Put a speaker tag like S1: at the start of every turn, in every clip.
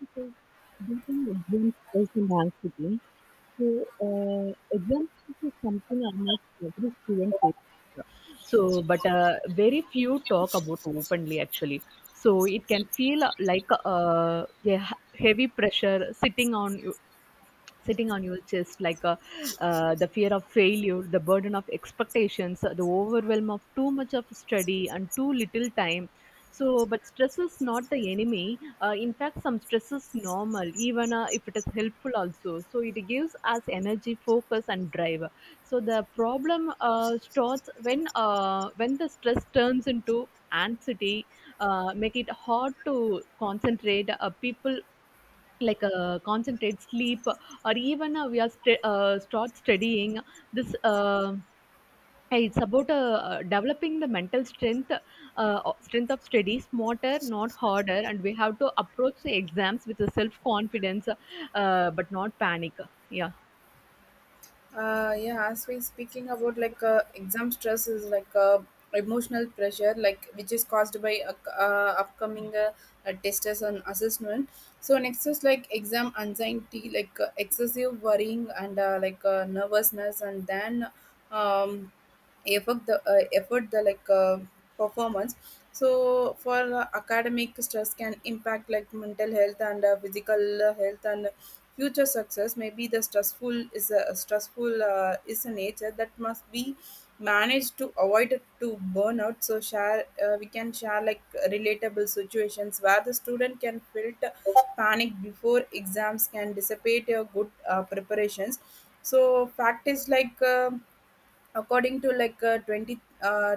S1: Because beating exams personality. So, uh, exams is something almost every student faces. But very few talk about openly actually. So it can feel like a heavy pressure sitting on you sitting on your chest like the fear of failure, the burden of expectations, the overwhelm of too much of study and too little time. But stress is not the enemy. In fact, some stress is normal, even if it is helpful also, so it gives us energy, focus and drive. So the problem starts when the stress turns into anxiety, make it hard to concentrate people like concentrate, sleep, or even start studying this. Hey, it's about developing the mental strength of study smarter, not harder, and we have to approach the exams with a self confidence, but not panic. Yeah.
S2: Yeah, as we speaking about like exam stress is like emotional pressure like which is caused by upcoming tests and assessment. So next is like exam anxiety like excessive worrying and nervousness and then um effort the like performance. So for academic stress can impact like mental health and physical health and future success. May be the stressful is a nature that must be managed to avoid it to burnout. So share we can share like relatable situations where the student can filter panic before exams can dissipate your good preparations. So fact is like. According to like 20 uh,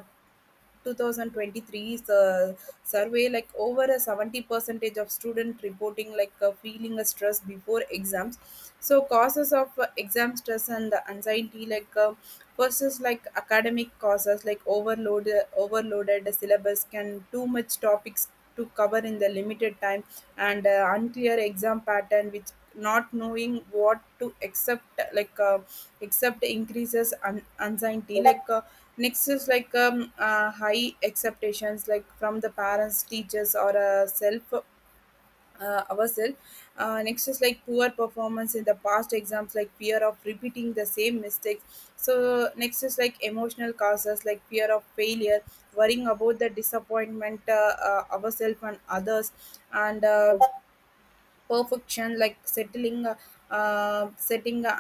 S2: 2023 survey, like over a 70 percentage of student reporting like feeling a stress before exams. So causes of exam stress and the anxiety, like first is like academic causes like overloaded syllabus can too much topics to cover in the limited time, and unclear exam pattern which not knowing what to accept, like accept increases anxiety like Next is like high expectations, like from the parents, teachers, or self, ourselves. Next is like poor performance in the past exams, like fear of repeating the same mistakes. So next is like emotional causes, like fear of failure, worrying about the disappointment ourselves and others, and perfection like settling setting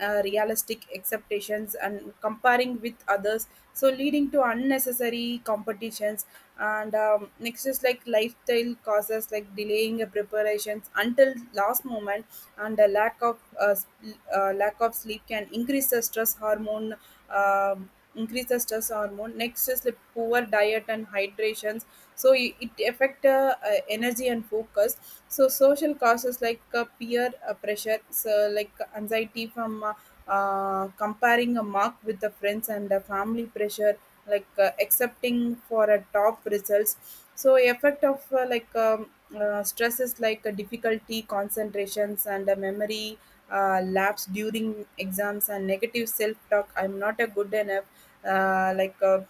S2: unrealistic expectations and comparing with others, so leading to unnecessary competitions. And next is like lifestyle causes like delaying preparations until last moment, and the lack of lack of sleep can increase the stress hormone um, increase the stress hormone. Next is like poor diet and hydrations, so it affect energy and focus. So social causes like peer pressure, so like anxiety from comparing a mark with the friends and the family pressure, like accepting for a top results. So effect of stresses like difficulty concentrations and memory lapse during exams, and negative self talk, I'm not a good enough, uh, like uh,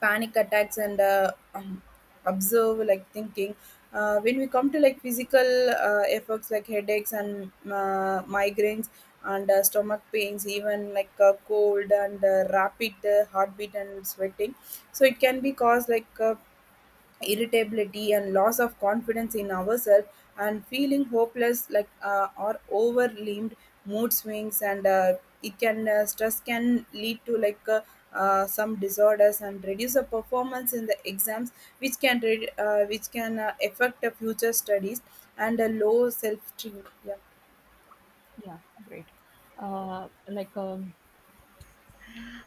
S2: panic attacks and observe like thinking. When we come to like physical effects like headaches and migraines and stomach pains, even like cold and rapid heartbeat and sweating. So it can be caused like irritability and loss of confidence in ourselves, and feeling hopeless like or overwhelmed, mood swings, and it can stress can lead to some disorders and reduce the performance in the exams, which can affect the future studies and a low self. Yeah.
S1: Yeah, great. Uh, like um,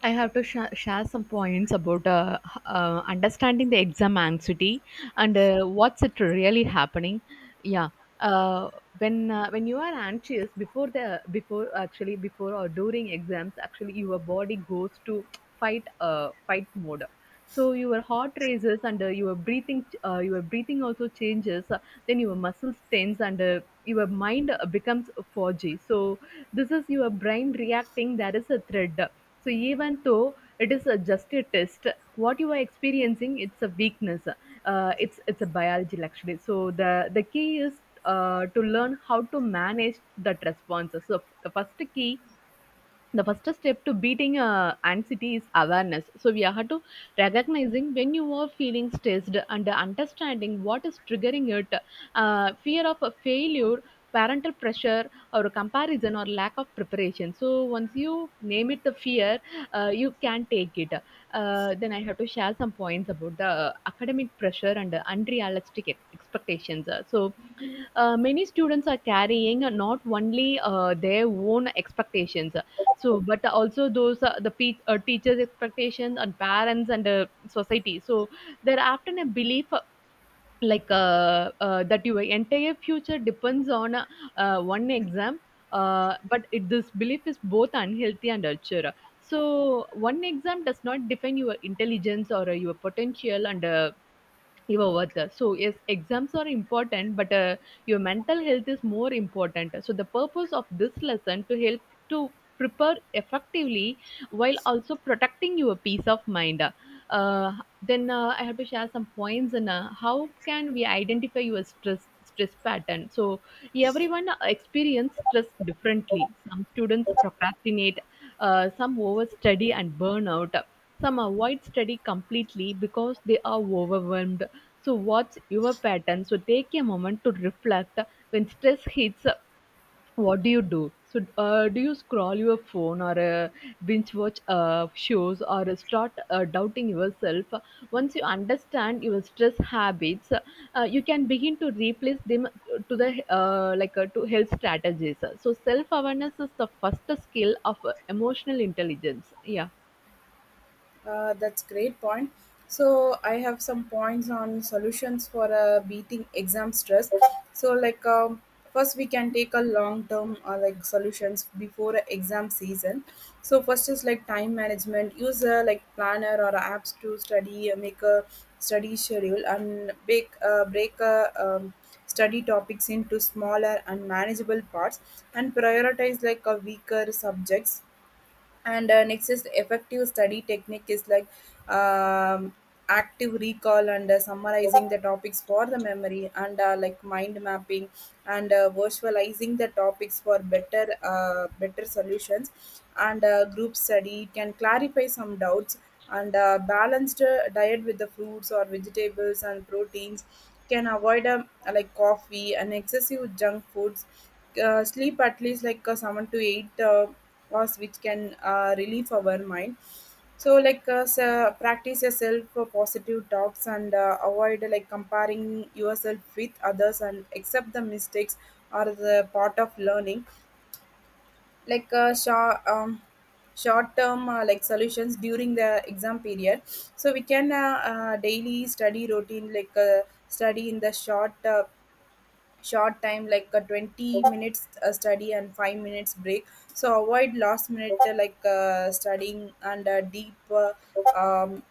S1: I have to share some points about understanding the exam anxiety and what's it really happening. Yeah, uh, when when you are anxious before the before actually before or during exams, actually your body goes to fight mode. So your heart races and your breathing also changes, then your muscles tense and your mind becomes foggy. So this is your brain reacting, there is a thread. So even though it is just a test, what you are experiencing it's a weakness, it's it's a biology actually. So the key is to learn how to manage that response. So the first key, the first step to beating anxiety is awareness. So we have to recognizing when you are feeling stressed and understanding what is triggering it, fear of a failure, parental pressure, or comparison, or lack of preparation. So once you name it, the fear, you can take it. Then I have to share some points about the academic pressure and the unrealistic expectations. So, many students are carrying not only their own expectations, but also those teachers' expectations and parents and society. So, there often a belief like that your entire future depends on one exam, but this belief is both unhealthy and ulcer. So one exam does not define your intelligence or your potential and your worth. So yes, exams are important, but your mental health is more important. So the purpose of this lesson to help to prepare effectively while also protecting your peace of mind. Then I have to share some points and how can we identify your stress pattern. So everyone experiences stress differently. Some students procrastinate, some overstudy and burn out, some avoid study completely because they are overwhelmed. So, what's your pattern? So, take a moment to reflect when stress hits. What do you do? So, do you scroll your phone or binge watch shows, or start doubting yourself? Once you understand your stress habits, you can begin to replace them to the to health strategies. So, self awareness is the first skill of emotional intelligence. Yeah.
S2: That's great point. So I have some points on solutions for beating exam stress. So first we can take a long term like solutions before a exam season. So first is like time management. Use a like planner or apps to study, make a study schedule, and break a study topics into smaller and manageable parts, and prioritize like a weaker subjects. And next is effective study technique is like um, active recall and summarizing the topics for the memory, and like mind mapping and virtualizing the topics for better solutions. And group study can clarify some doubts. And balanced diet with the fruits or vegetables and proteins can avoid like coffee and excessive junk foods. Sleep at least like 7 to 8 laws, which can relieve our mind. So so practice yourself for positive talks and avoid like comparing yourself with others, and accept the mistakes are the part of learning. Short short term like solutions during the exam period, so we can daily study routine like study in the short time like a 20 minutes study and 5 minutes break. So avoid last minute studying, and deep um,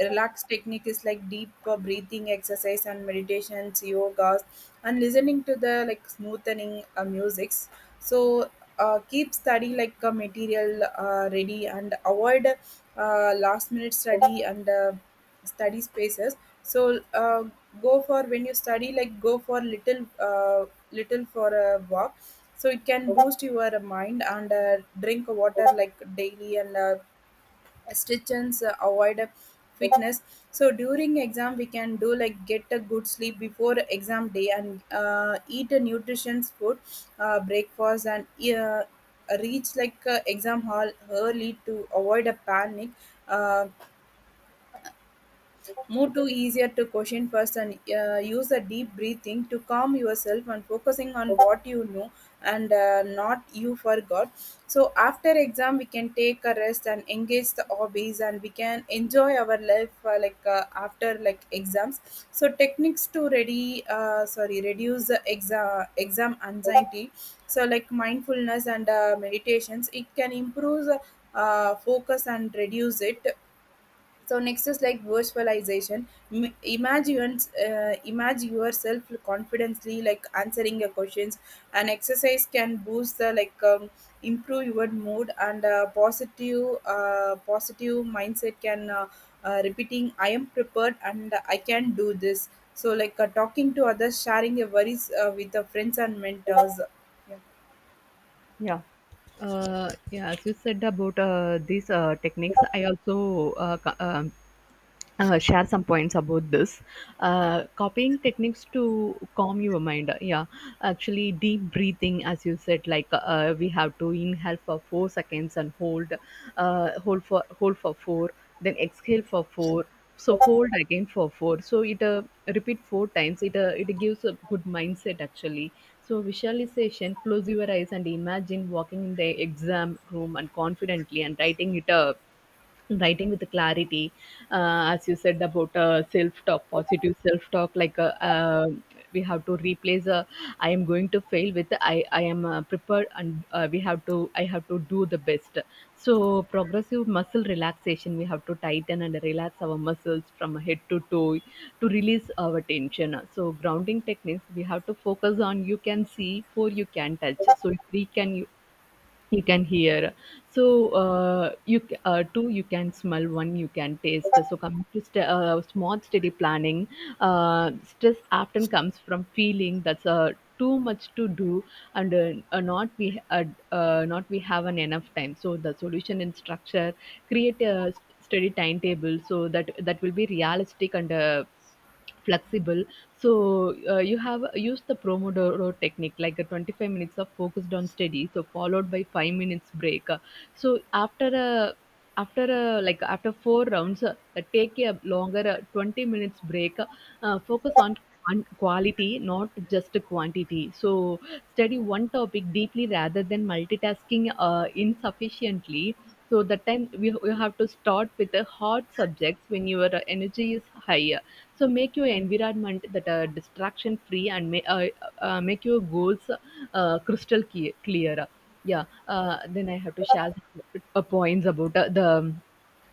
S2: relax technique is like deep breathing exercise and meditations, yogas, and listening to the like smoothening musics. So keep study like material ready, and avoid last minute study and study spaces. So go for, when you study, like go for little for a walk, so it can boost your mind. And drink water like daily, and stitches avoid fitness. So during exam we can do like get a good sleep before exam day, and eat a nutritious food breakfast, and uh, reach like exam hall early to avoid a panic. uh, Move to easier to question first, and use a deep breathing to calm yourself and focusing on what you know and not you forgot. So after exam, we can take a rest and engage the hobbies, and we can enjoy our life after like exams. So techniques to ready sorry reduce the exam exam anxiety. So like mindfulness and meditations, it can improve focus and reduce it. So next is like virtualization. Imagine imagine yourself confidently like answering your questions. An exercise can boost the like improve your mood, and positive mindset can repeating, I am prepared and I can do this. So talking to others, sharing your worries with the friends and mentors. Yeah.
S1: Yeah, as you said about these techniques, I also share some points about this copying techniques to calm your mind. Yeah, actually deep breathing, as you said, like we have to inhale for 4 seconds and hold for four, then exhale for four, so hold again for four. So it repeat four times. It it gives a good mindset actually. So visualization, close your eyes and imagine walking in the exam room and confidently and writing it up, writing with clarity. As you said about self-talk, positive self-talk, we have to replace I am going to fail with I am prepared and we have to, I have to do the best. So progressive muscle relaxation, we have to tighten and relax our muscles from head to toe to release our tension. So grounding techniques, we have to focus on, you can see for, you can touch, so if we can, you can hear, so two you can smell, one you can taste. So coming to small steady planning, stress often comes from feeling that's too much to do and not we have an enough time. So the solution in structure, create a steady timetable, so that that will be realistic and flexible. So you have used the pomodoro technique like a 25 minutes of focused on study, so followed by 5 minutes break. So after four rounds, take a longer 20 minutes break. Focus on quality, not just quantity. So study one topic deeply rather than multitasking insufficiently. So you have to start with the hot subjects when your energy is higher. So make your environment that are distraction free and make your goals crystal clear, clearer. Yeah. Then I have to share the, points about uh, the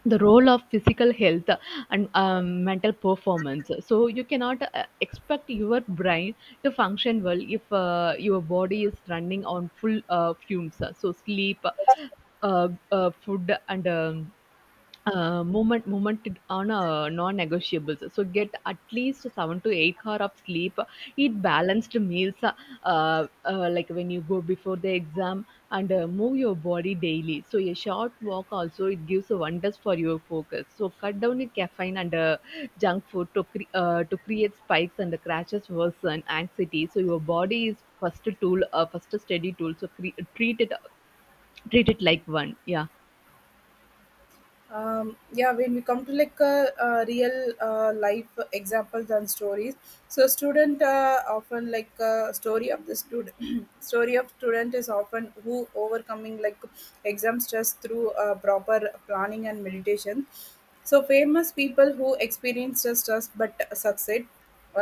S1: the role of physical health and mental performance. So you cannot expect your brain to function well if your body is running on full fumes. So sleep, food and movement is on non-negotiables. So get at least 7 to 8 hour of sleep, eat balanced meals, uh, when you go before the exam and move your body daily. So a short walk also it gives wonders for your focus. So cut down your caffeine and junk food to create spikes and the crashes worsen anxiety. So your body is first tool, first steady tool, so treat it, treat it like one. Yeah.
S2: Yeah, when we come to like a, real life examples and stories. So student often like a story of the student. Story of student is often who overcoming like exam stress through proper planning and meditation. So famous people who experienced the stress but succeed,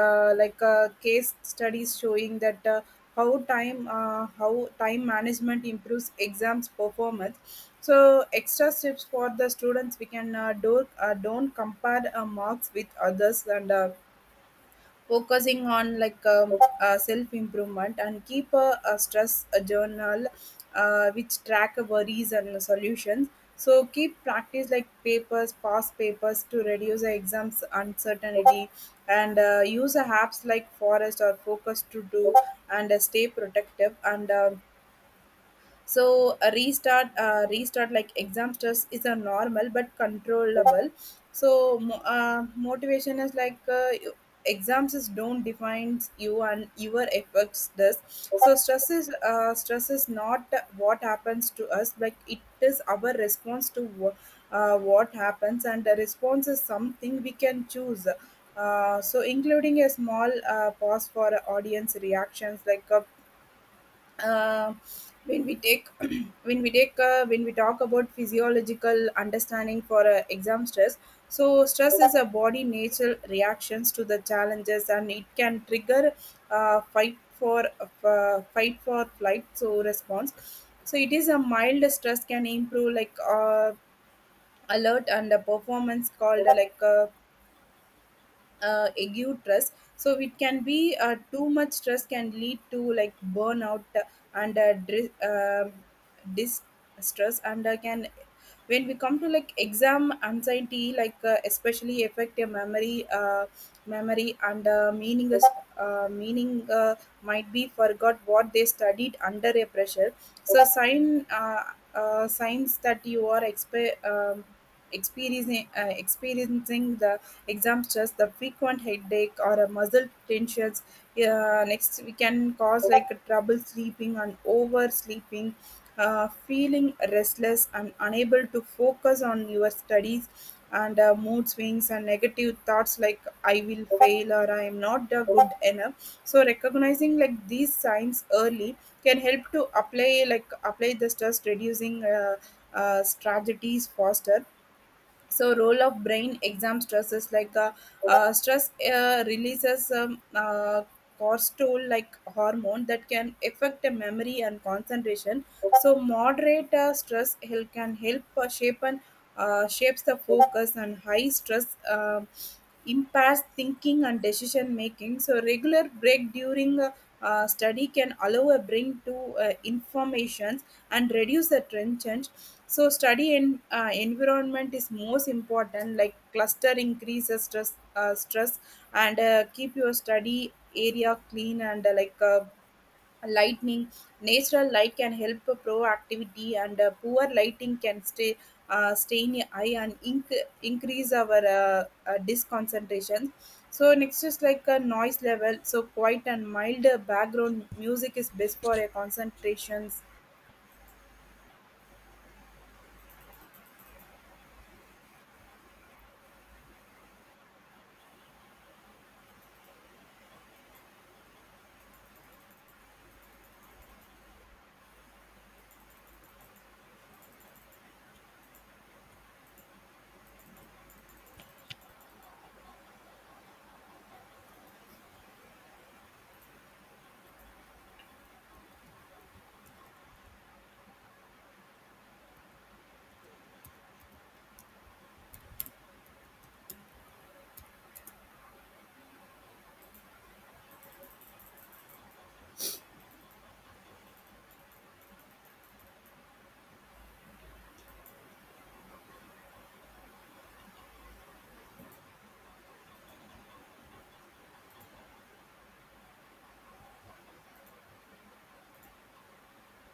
S2: case studies showing that how time management improves exams performance. So extra steps for the students, we can do don't compare marks with others, and focusing on like self improvement, and keep a stress a journal which track worries and solutions. So keep practice like papers, past papers to reduce the exams uncertainty, and use the apps like Forest or Focus to do, and stay protective and. So a restart like exam stress is a normal but controllable. So motivation is like exams is don't defines you, and your efforts does. So stress is not what happens to us, like it is our response to what happens, and the response is something we can choose. So including a small pause for audience reactions like a uh, when we take when we talk about physiological understanding for exam stress. So stress is a body natural reactions to the challenges, and it can trigger uh, fight for fight for flight so response. So it is a mild stress can improve like alert and the performance, called ague stress. So it can be too much stress can lead to like burnout and distress and can, when we come to like exam anxiety like especially affect your memory memory and meaningless meaning might be forgot what they studied under a pressure. So signs that you are experiencing the exam stress, the frequent headache or a muscle tensions. Next, we can cause like trouble sleeping and oversleeping. Feeling restless and unable to focus on your studies, and mood swings and negative thoughts like I will fail, or I am not good enough. So recognizing like these signs early can help to apply like apply the stress reducing strategies faster. So role of brain exam stresses like stress releases cortisol like hormone that can affect the memory and concentration. So moderate stress help can help shapes the focus, and high stress impairs thinking and decision making. So regular break during study can allow a brain to informations and reduce the tension. So study and environment is most important. Like cluster increases stress, and keep your study area clean and lightning, natural light can help proactivity, and poor lighting can stay stain your eye and increase our disconcentration. So next is like a noise level, so quiet and mild background music is best for a concentrations